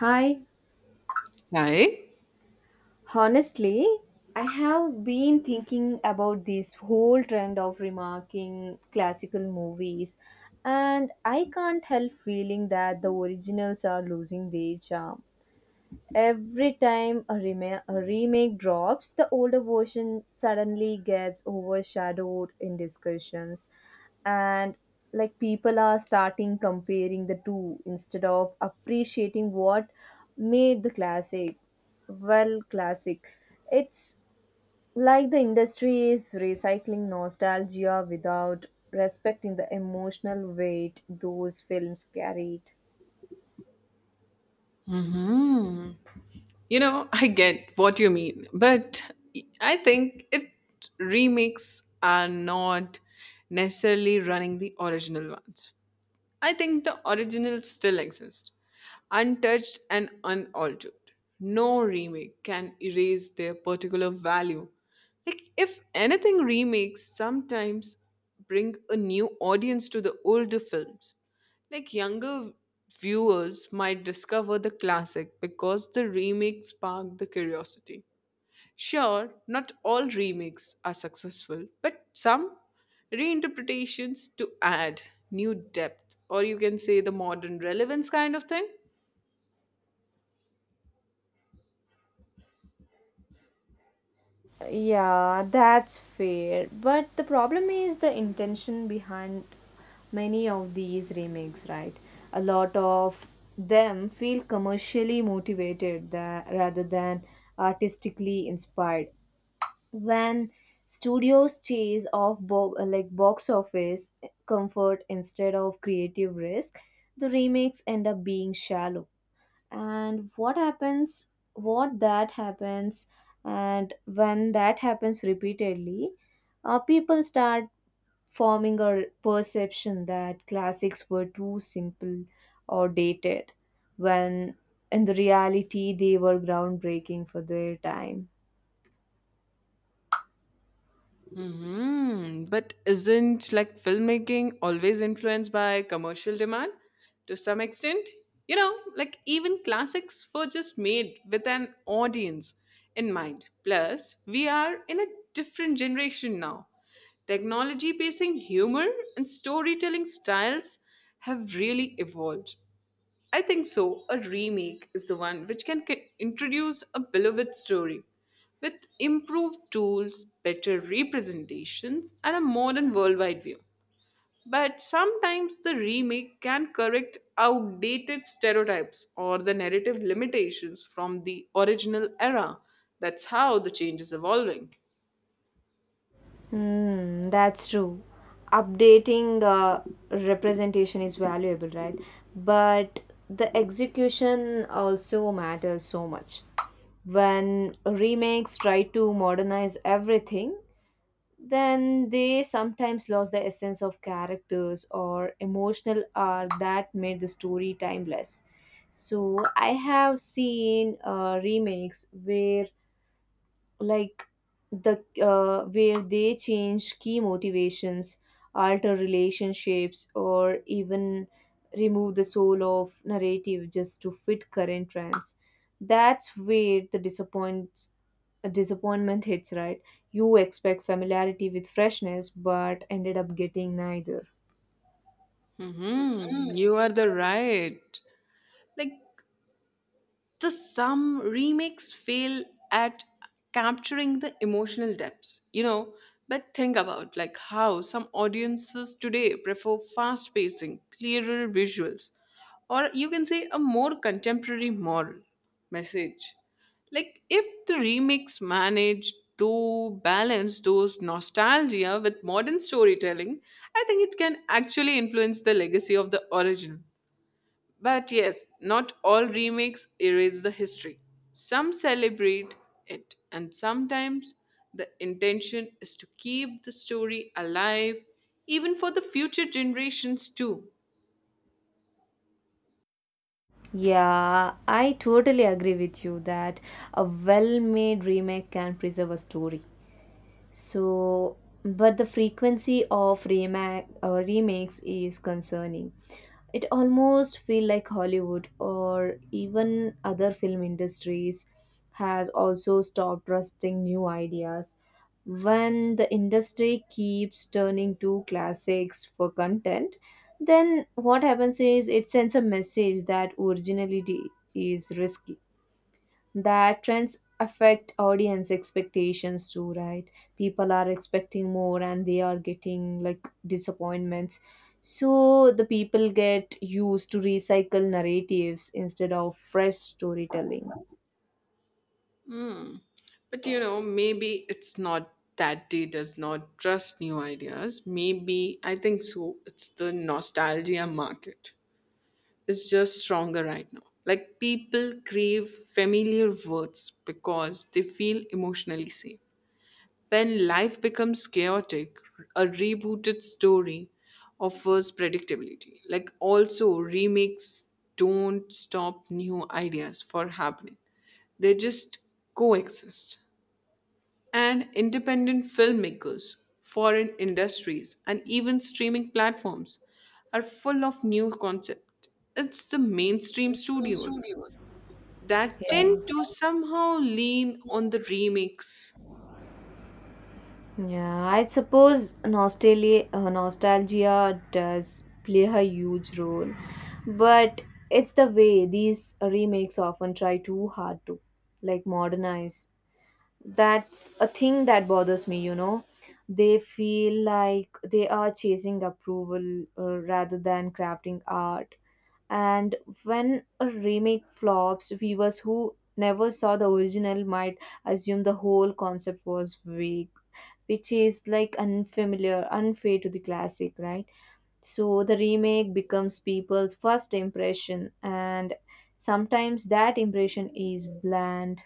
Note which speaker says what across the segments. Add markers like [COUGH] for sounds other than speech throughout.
Speaker 1: Hi,
Speaker 2: Right?
Speaker 1: honestly, I have been thinking about this whole trend of remarking classical movies, and I can't help feeling that the originals are losing their charm. Every time a remake drops, the older version suddenly gets overshadowed in discussions, and like people are starting comparing the two instead of appreciating what made the classic well classic. It's like the industry is recycling nostalgia without respecting the emotional weight those films carried.
Speaker 2: hmm You know, I get what you mean, but I think it remakes are not necessarily running the original ones. I think the original still exists, untouched and unaltered. No remake can erase their particular value. Like, if anything, remakes sometimes bring a new audience to the older films. Like, younger viewers might discover the classic because the remake sparked the curiosity. Sure, not all remakes are successful, but some reinterpretations to add new depth, or you can say the modern relevance kind of thing.
Speaker 1: Yeah, that's fair. But the problem is the intention behind many of these remakes, right? A lot of them feel commercially motivated rather than artistically inspired. When studios chase like box office comfort instead of creative risk, the remakes end up being shallow and what happens what that happens and when that happens repeatedly, people start forming a perception that classics were too simple or dated, when in the reality they were groundbreaking for their time.
Speaker 2: But isn't like filmmaking always influenced by commercial demand to some extent? You know, like even classics were just made with an audience in mind. Plus, we are in a different generation now. Technology based humor and storytelling styles have really evolved. I think so. A remake is the one which introduce a beloved story with improved tools, better representations, and a modern worldwide view. But sometimes the remake can correct outdated stereotypes or the narrative limitations from the original era. That's how the change is evolving.
Speaker 1: Hmm, that's true. Updating representation is valuable, right? But the execution also matters so much. When remakes try to modernize everything, then they sometimes lose the essence of characters or emotional arc that made the story timeless. So I have seen remakes where like the where they change key motivations, alter relationships, or even remove the soul of narrative just to fit current trends. That's where the disappoints disappointment hits, right? You expect familiarity with freshness but ended up getting neither.
Speaker 2: You are the right. Like the some remakes fail at capturing the emotional depths, you know, but think about like how some audiences today prefer fast pacing clearer visuals, or you can say a more contemporary moral message. Like if the remix manage to balance those nostalgia with modern storytelling, I think it can actually influence the legacy of the original. But yes, not all remakes erase the history. Some celebrate it, and sometimes the intention is to keep the story alive, even for the future generations, too.
Speaker 1: Yeah i totally agree with you that a well made remake can preserve a story. So, but the frequency of remakes is concerning. It almost feel like Hollywood or even other film industries has also stopped trusting new ideas. When the industry keeps turning to classics for content, then what happens is it sends a message that originality is risky. That trends affect audience expectations too, right? People are expecting more and they are getting like disappointments, so the people get used to recycle narratives instead of fresh storytelling.
Speaker 2: But you know, maybe it's not that they does not trust new ideas. Maybe I think so. It's the nostalgia market. It's just stronger right now. Like people crave familiar words because they feel emotionally safe. When life becomes chaotic, a rebooted story offers predictability. Like also remakes don't stop new ideas for happening. They just coexist. And independent filmmakers, foreign industries, and even streaming platforms are full of new concepts. It's the mainstream studios that tend
Speaker 1: Yeah.
Speaker 2: to somehow lean on the remakes.
Speaker 1: Yeah, I suppose nostalgia does play a huge role, but it's the way these remakes often try too hard to like modernize. That's a thing that bothers me, you know. They feel like they are chasing approval, rather than crafting art. And when a remake flops, viewers who never saw the original might assume the whole concept was weak, which is like unfamiliar unfair to the classic, right? So the remake becomes people's first impression, and sometimes that impression is bland.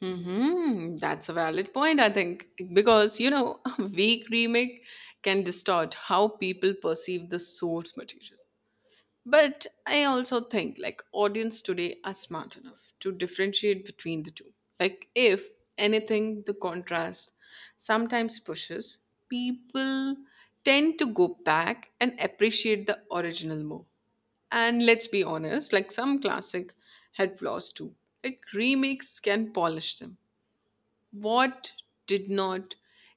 Speaker 2: That's a valid point, I think, because you know, [LAUGHS] a weak remake can distort how people perceive the source material. But I also think like audience today are smart enough to differentiate between the two. Like if anything, the contrast sometimes pushes people tend to go back and appreciate the original more. And let's be honest, like some classic had flaws too. Like remakes can polish them what did not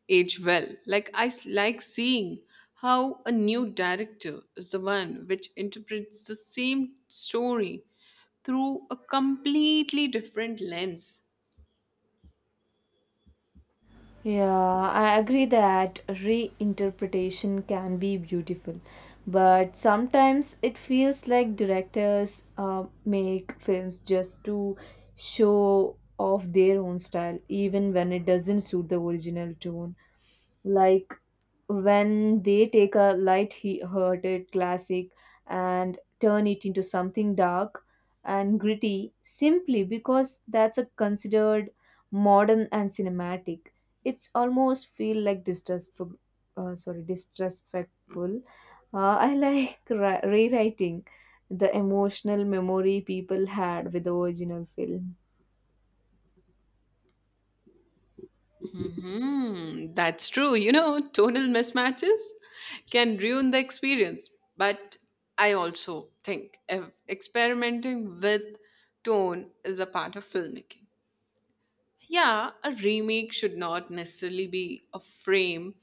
Speaker 2: age well. Like seeing how a new director is the one which interprets the same story through a completely different lens.
Speaker 1: Yeah, I agree that reinterpretation can be beautiful, but sometimes it feels like directors make films just to show off their own style, even when it doesn't suit the original tone. Like when they take a light-hearted classic and turn it into something dark and gritty simply because that's a considered modern and cinematic, it's almost feel like distressful sorry disrespectful. Rewriting the emotional memory people had with the original film.
Speaker 2: Hmm, that's true. You know, tonal mismatches can ruin the experience. But I also think experimenting with tone is a part of filmmaking. Yeah, a remake should not necessarily be a frame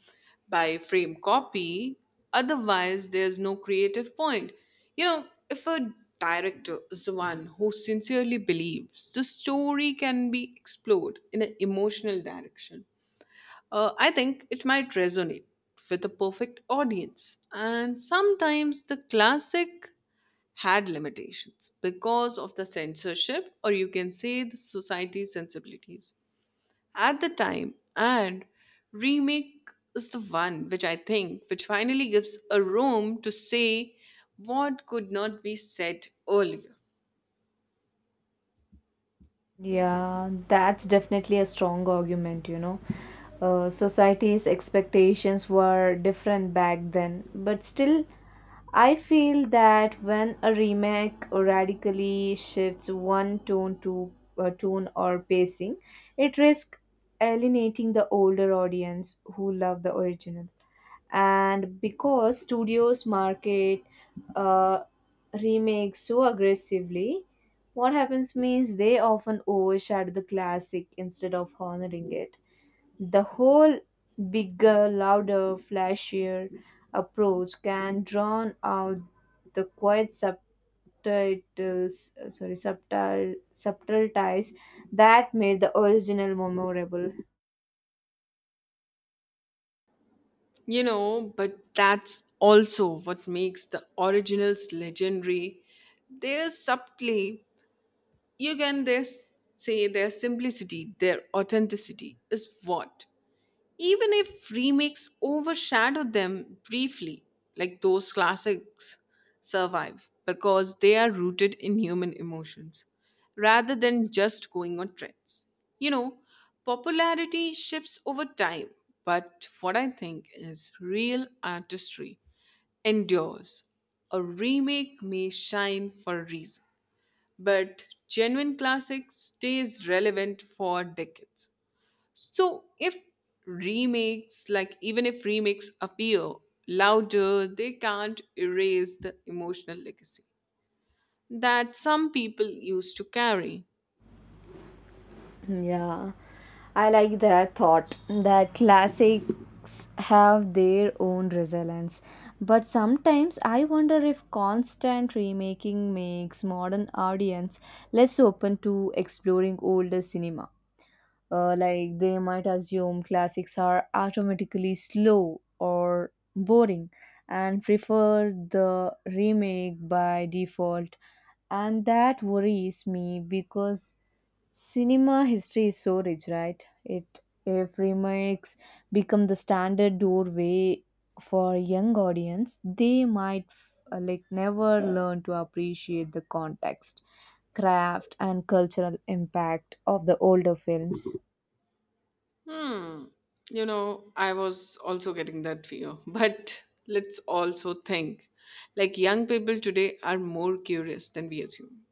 Speaker 2: by frame copy. Otherwise, there's no creative point. You know, if a director is the one who sincerely believes the story can be explored in an emotional direction, I think it might resonate with a perfect audience. And sometimes the classic had limitations because of the censorship, or you can say the society's sensibilities at the time, and remake is the one which I think which finally gives a room to say what could not be said earlier.
Speaker 1: Yeah, that's definitely a strong argument, you know. Society's expectations were different back then, but still, I feel that when a remake radically shifts one tone to tune or pacing, it risks alienating the older audience who love the original. And because studios market, uh, remakes so aggressively, what happens means they often overshadow the classic instead of honoring it. The whole bigger, louder, flashier approach can drown out the quiet subtitles sorry subtle subtle ties that made the original memorable.
Speaker 2: You know, but that's also what makes the originals legendary. They're subtly, you can this say, their simplicity, their authenticity is what, even if remakes overshadow them briefly, like those classics survive because they are rooted in human emotions rather than just going on trends. You know, popularity shifts over time, but what I think is real artistry endures. A remake may shine for a reason, but genuine classics stays relevant for decades. So if remakes, like even if remakes appear louder, they can't erase the emotional legacy that some people used to carry.
Speaker 1: Yeah. I like that thought that classics have their own resilience. But sometimes I wonder if constant remaking makes modern audience less open to exploring older cinema. Like they might assume classics are automatically slow or boring and prefer the remake by default. And that worries me because cinema history is so rich, right? It if remakes become the standard doorway for a young audience, they might, like, never learn to appreciate the context, craft, and cultural impact of the older films.
Speaker 2: Hmm. You know, I was also getting that fear. [LAUGHS] But let's also think like young people today are more curious than we assume.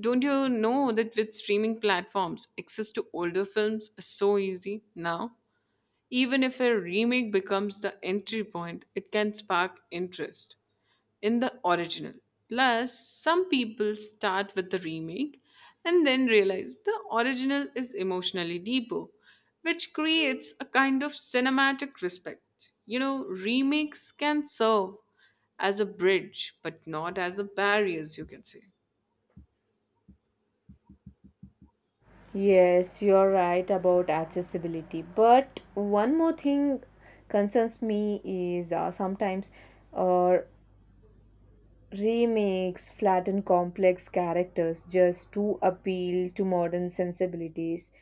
Speaker 2: Don't you know that with streaming platforms, access to older films is so easy now? Even if a remake becomes the entry point, it can spark interest in the original. Plus, some people start with the remake and then realize the original is emotionally deeper, which creates a kind of cinematic respect. You know, remakes can serve as a bridge, but not as a barrier, as you can say.
Speaker 1: Yes, you're right about accessibility. But one more thing concerns me is sometimes, or remakes flatten complex characters just to appeal to modern sensibilities.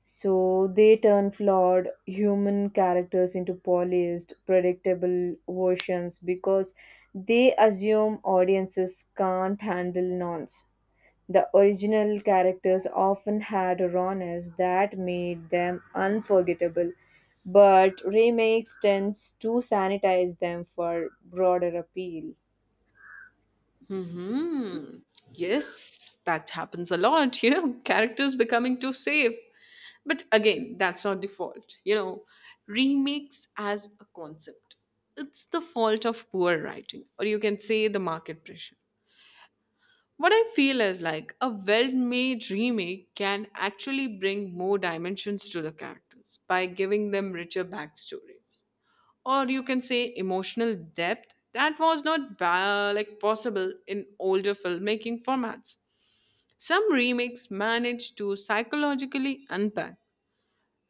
Speaker 1: So they turn flawed human characters into polished, predictable versions because they assume audiences can't handle nonce. The original characters often had a rawness that made them unforgettable, but remakes tends to sanitize them for broader appeal.
Speaker 2: Hmm. Yes, that happens a lot. [LAUGHS] You know, characters becoming too safe. But again, that's not the fault. You know, remakes as a concept, it's the fault of poor writing, or you can say the market pressure. What I feel is like a well made remake can actually bring more dimensions to the characters by giving them richer backstories. Or you can say emotional depth that was not ba- like possible in older filmmaking formats. Some remakes manage to psychologically unpack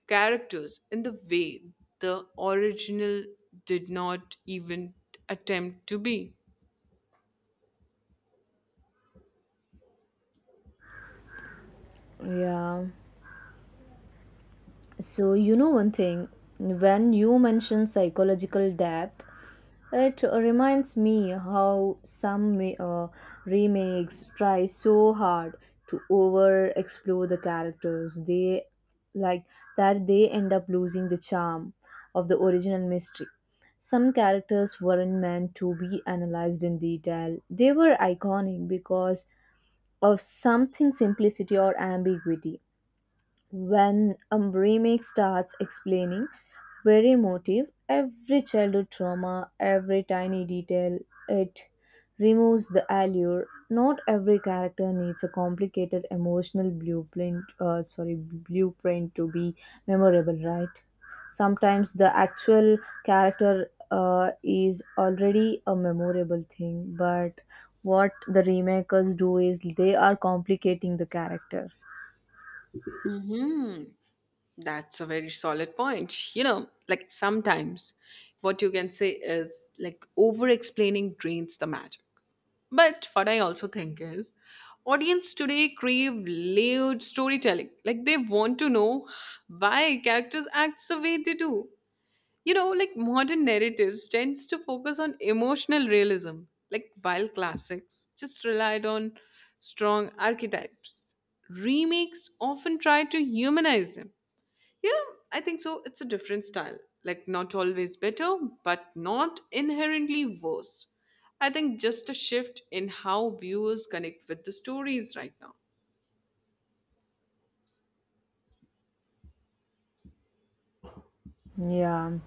Speaker 2: characters in the way the original did not even attempt to be.
Speaker 1: Yeah. So, you know one thing, when you mention psychological depth, it reminds me how remakes try so hard to over explore the characters they, like, that they end up losing the charm of the original mystery. Some characters weren't meant to be analyzed in detail. They were iconic because of something simplicity or ambiguity. When a remake starts explaining every motive, every childhood trauma, every tiny detail, it removes the allure. Not every character needs a complicated emotional blueprint to be memorable, right? Sometimes the actual character, is already a memorable thing, but what the remakers do is they are complicating the character.
Speaker 2: hmm That's a very solid point. You know, like sometimes what you can say is like over explaining drains the magic. But what I also think is audience today crave layered storytelling. Like they want to know why characters act the way they do. You know, like modern narratives tends to focus on emotional realism, like while classics just relied on strong archetypes. Remakes often try to humanize them. You know, I think so it's a different style. Like not always better, but not inherently worse. I think just a shift in how viewers connect with the stories right now.
Speaker 1: Yeah.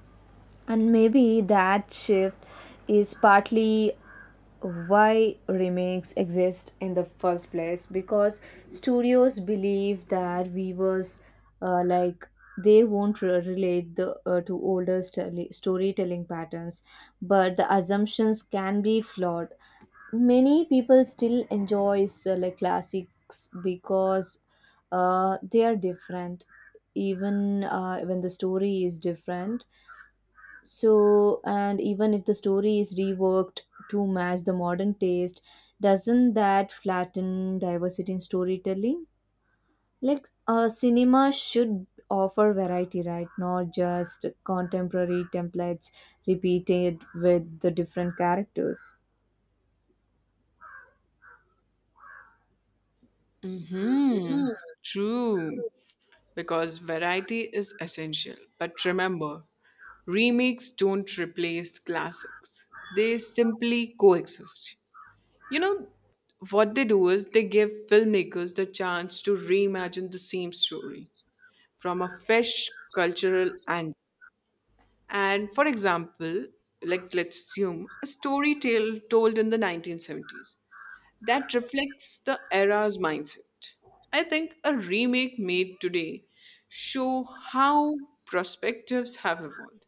Speaker 1: And maybe that shift is partly why remakes exist in the first place, because studios believe that viewers, like they won't re- relate the to storytelling patterns. But the assumptions can be flawed. Many people still enjoys like classics because they are different, even when the story is different. So, and even if the story is reworked to match the modern taste, doesn't that flatten diversity in storytelling? Like, cinema should offer variety, right? Not just contemporary templates repeated with the different characters.
Speaker 2: hmm True. Because variety is essential. But remember, remakes don't replace classics, they simply coexist. You know, what they do is they give filmmakers the chance to reimagine the same story from a fresh cultural angle. And for example, like let's assume a story tale told in the 1970s that reflects the era's mindset. I think a remake made today show how perspectives have evolved.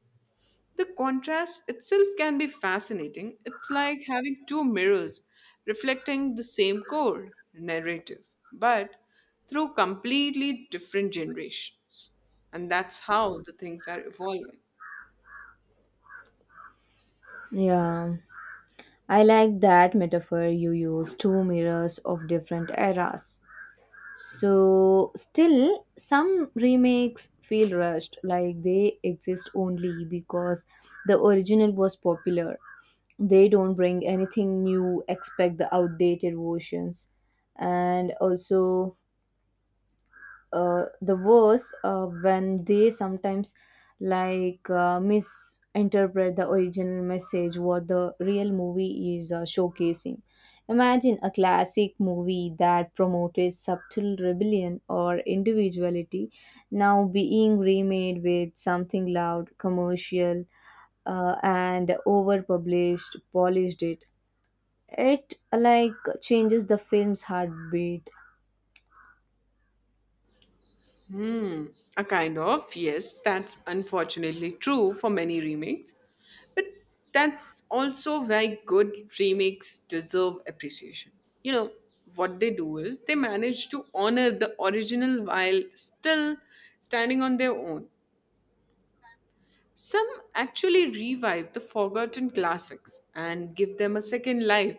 Speaker 2: The contrast itself can be fascinating. It's like having two mirrors reflecting the same core narrative, but through completely different generations. And that's how the things are evolving.
Speaker 1: Yeah, I like that metaphor you use, two mirrors of different eras. So, still, some remakes feel rushed, like they exist only because the original was popular. They don't bring anything new, expect the outdated versions. And also, the worse when they sometimes, misinterpret the original message, what the real movie is showcasing. Imagine a classic movie that promoted subtle rebellion or individuality now being remade with something loud, commercial, and over published polished it. It like changes the film's heartbeat.
Speaker 2: Hmm, a kind of, yes, that's unfortunately true for many remakes. But that's also why good remakes deserve appreciation. You know, what they do is they manage to honor the original while still standing on their own. Some actually revive the forgotten classics and give them a second life.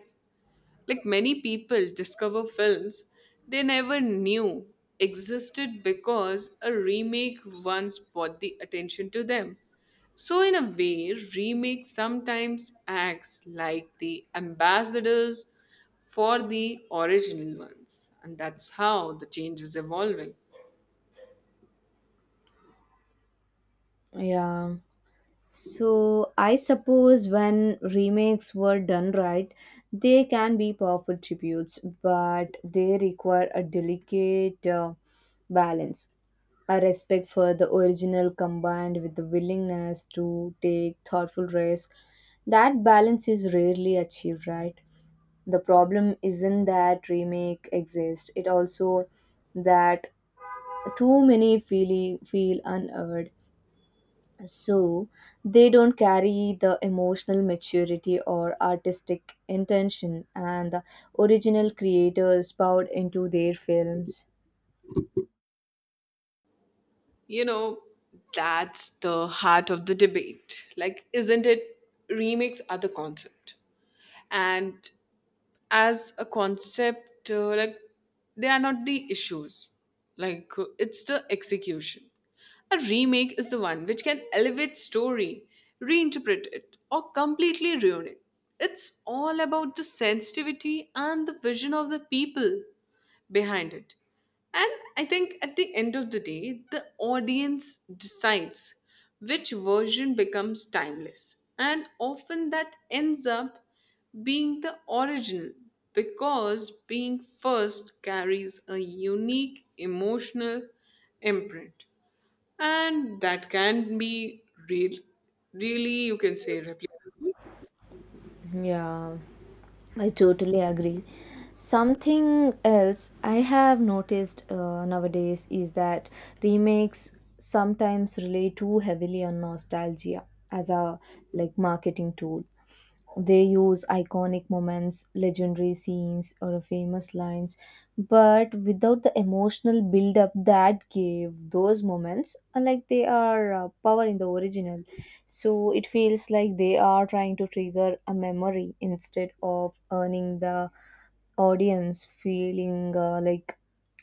Speaker 2: Like many people discover films they never knew existed because a remake once brought the attention to them. So, in a way, remake sometimes acts like the ambassadors for the original ones. And that's how the change is evolving.
Speaker 1: Yeah. So I suppose when remakes were done right, they can be powerful tributes, but they require a delicate, balance, a respect for the original combined with the willingness to take thoughtful risk. That balance is rarely achieved, right? The problem isn't that remake exists; it also that too many feel unearned. So they don't carry the emotional maturity or artistic intention and the original creators poured into their films.
Speaker 2: You know, that's the heart of the debate. Like, isn't it? Remakes are the concept. And as a concept, like they are not the issues, like it's the execution. A remake is the one which can elevate story, reinterpret it, or completely ruin it. It's all about the sensitivity and the vision of the people behind it. And I think at the end of the day, the audience decides which version becomes timeless. And often that ends up being the original because being first carries a unique emotional imprint. And that can be real, really, you can say, replicated.
Speaker 1: Yeah i totally agree. Something else I have noticed, nowadays, is that remakes sometimes rely too heavily on nostalgia as a, like, marketing tool. They use iconic moments, legendary scenes, or famous lines, but without the emotional build up that gave those moments, unlike they are, power in the original. So it feels like they are trying to trigger a memory instead of earning the audience feeling, like,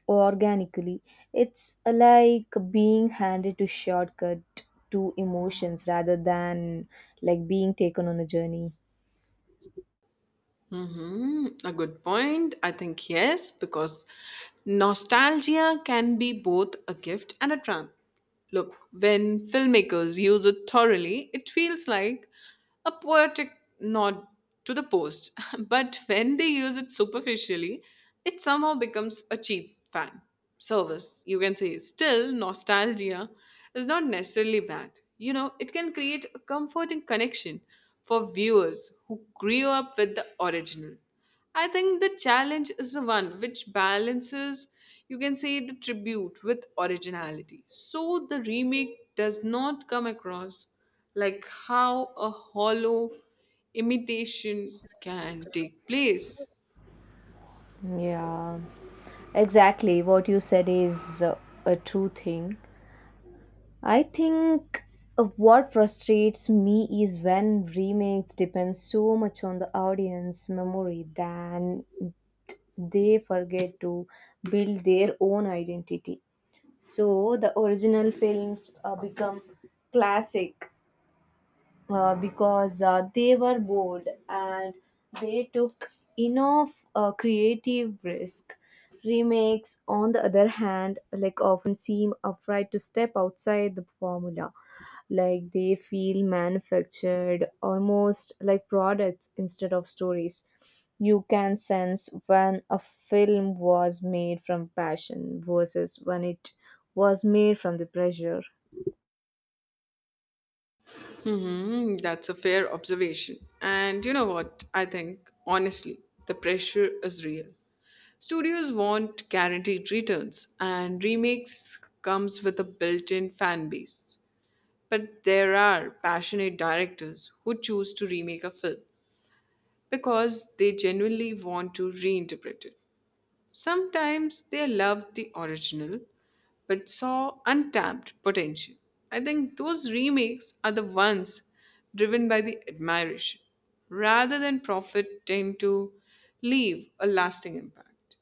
Speaker 1: organically. It's, like being handed to shortcut to emotions rather than like being taken on a journey.
Speaker 2: Mm-hmm. A good point. I think yes, because nostalgia can be both a gift and a trap. Look, when filmmakers use it thoroughly, it feels like a poetic nod to the post. [LAUGHS] But when they use it superficially, it somehow becomes a cheap fan service. You can say, still, nostalgia is not necessarily bad. You know, it can create a comforting connection for viewers who grew up with the original. I think the challenge is the one which balances, you can say, the tribute with originality, so the remake does not come across like how a hollow imitation can take place.
Speaker 1: Yeah, exactly. What you said is, a true thing. I think, what frustrates me is when remakes depend so much on the audience memory than they forget to build their own identity. So the original films, become classic, because they were bold and they took enough, creative risk. Remakes, on the other hand, like often seem afraid to step outside the formula, like they feel manufactured, almost like products instead of stories. You can sense when a film was made from passion versus when it was made from the pressure.
Speaker 2: Hmm, that's a fair observation. And you know what? I think, honestly, the pressure is real. Studios want guaranteed returns, and remakes comes with a built-in fan base. But there are passionate directors who choose to remake a film because they genuinely want to reinterpret it. Sometimes they loved the original but saw untapped potential. I think those remakes are the ones driven by the admiration rather than profit tend to leave a lasting impact.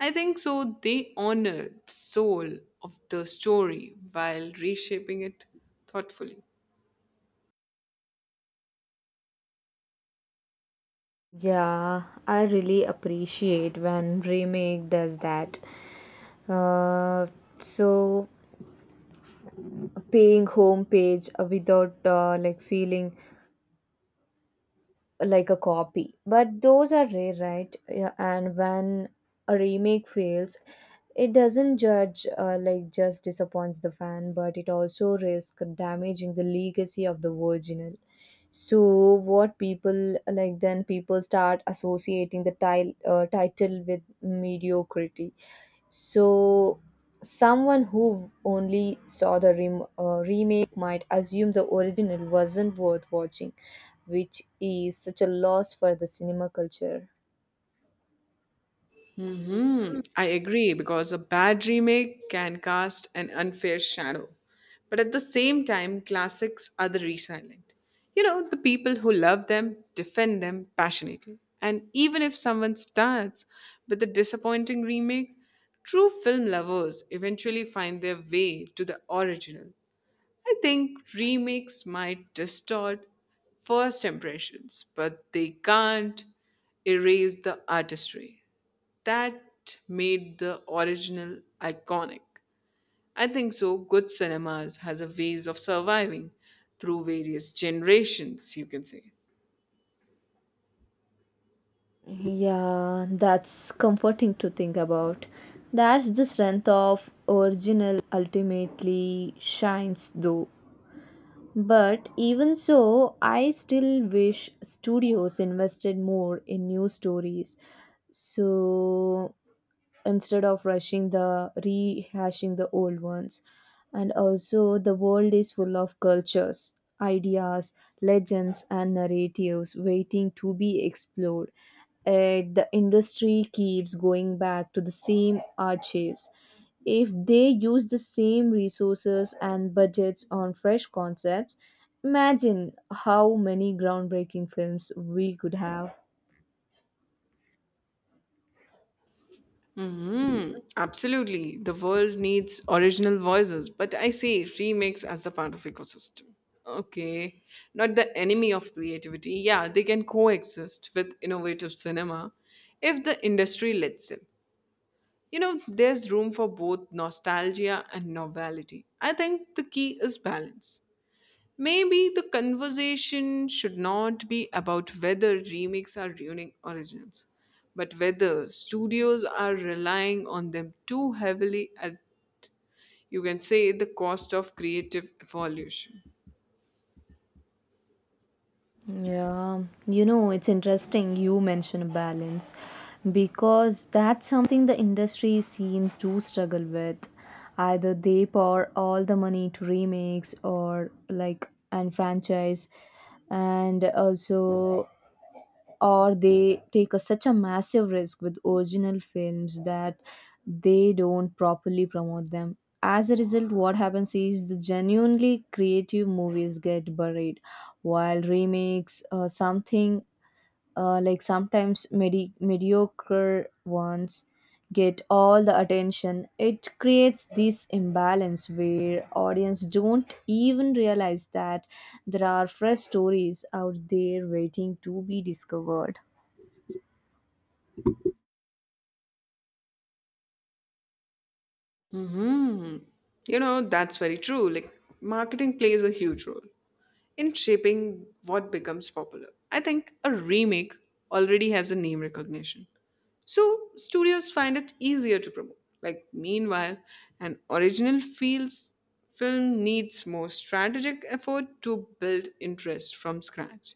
Speaker 2: I think so. They honor the soul of the story while reshaping it thoughtfully.
Speaker 1: Yeah, I really appreciate when remake does that. Uh, so paying homepage, without, like feeling like a copy, but those are rare, right? Yeah, and when a remake fails, it doesn't judge, like, just disappoints the fan, but it also risks damaging the legacy of the original. So what people, like, then people start associating the title with mediocrity. So, someone who only saw the remake might assume the original wasn't worth watching, which is such a loss for the cinema culture.
Speaker 2: I agree because a bad remake can cast an unfair shadow. But at the same time, classics are the resilient. You know, the people who love them defend them passionately. And even if someone starts with a disappointing remake, true film lovers eventually find their way to the original. I think remakes might distort first impressions, but they can't erase the artistry that made the original iconic. I think so. Good cinemas has a ways of surviving through various generations, you can say.
Speaker 1: Yeah, that's comforting to think about. That's the strength of original ultimately shines though. But even so, I still wish studios invested more in new stories. So instead of rushing the rehashing the old ones, and also, the world is full of cultures, ideas, legends, and narratives waiting to be explored. Yet the industry keeps going back to the same archives. If they use the same resources and budgets on fresh concepts, imagine how many groundbreaking films we could have.
Speaker 2: Mhm. Absolutely. The world needs original voices, but I see remakes as a part of ecosystem. Okay. Not the enemy of creativity. Yeah, they can coexist with innovative cinema if the industry lets them. You know, there's room for both nostalgia and novelty. I think the key is balance. Maybe the conversation should not be about whether remakes are ruining originals, but whether studios are relying on them too heavily at, you can say, the cost of creative evolution.
Speaker 1: Yeah, you know, it's interesting you mention balance because that's something the industry seems to struggle with. Either they pour all the money to remakes, or like, and franchise, and also, or they take a, such a massive risk with original films that they don't properly promote them. As a result, what happens is the genuinely creative movies get buried, while remakes, something, like, sometimes mediocre ones, get all the attention. It creates this imbalance where audience don't even realize that there are fresh stories out there waiting to be discovered.
Speaker 2: hmm You know, that's very true. Like, marketing plays a huge role in shaping what becomes popular. I think a remake already has a name recognition. So, studios find it easier to promote. Like, meanwhile, an original feels film needs more strategic effort to build interest from scratch.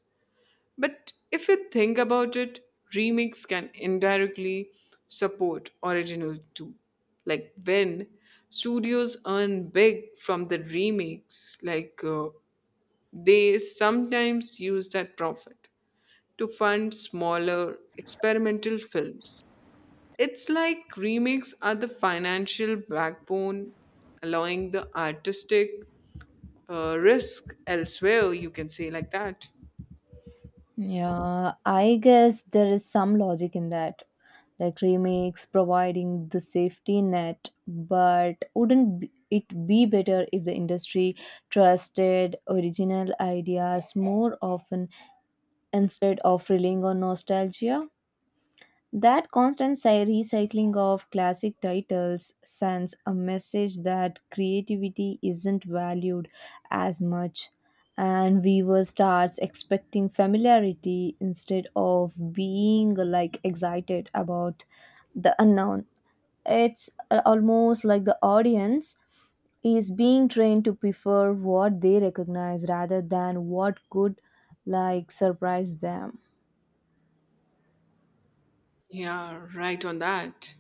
Speaker 2: But if you think about it, remix can indirectly support original too. Like when studios earn big from the remix, like they sometimes use that profit to fund smaller experimental films. It's like remakes are the financial backbone, allowing the artistic risk elsewhere, you can say like that.
Speaker 1: Yeah, I guess there is some logic in that. Like remakes providing the safety net, but wouldn't it be better if the industry trusted original ideas more often instead of relying on nostalgia? That constant recycling of classic titles sends a message that creativity isn't valued as much, and viewer starts expecting familiarity instead of being like excited about the unknown. It's, almost like the audience is being trained to prefer what they recognize rather than what could, like, surprise them.
Speaker 2: Yeah, right on that.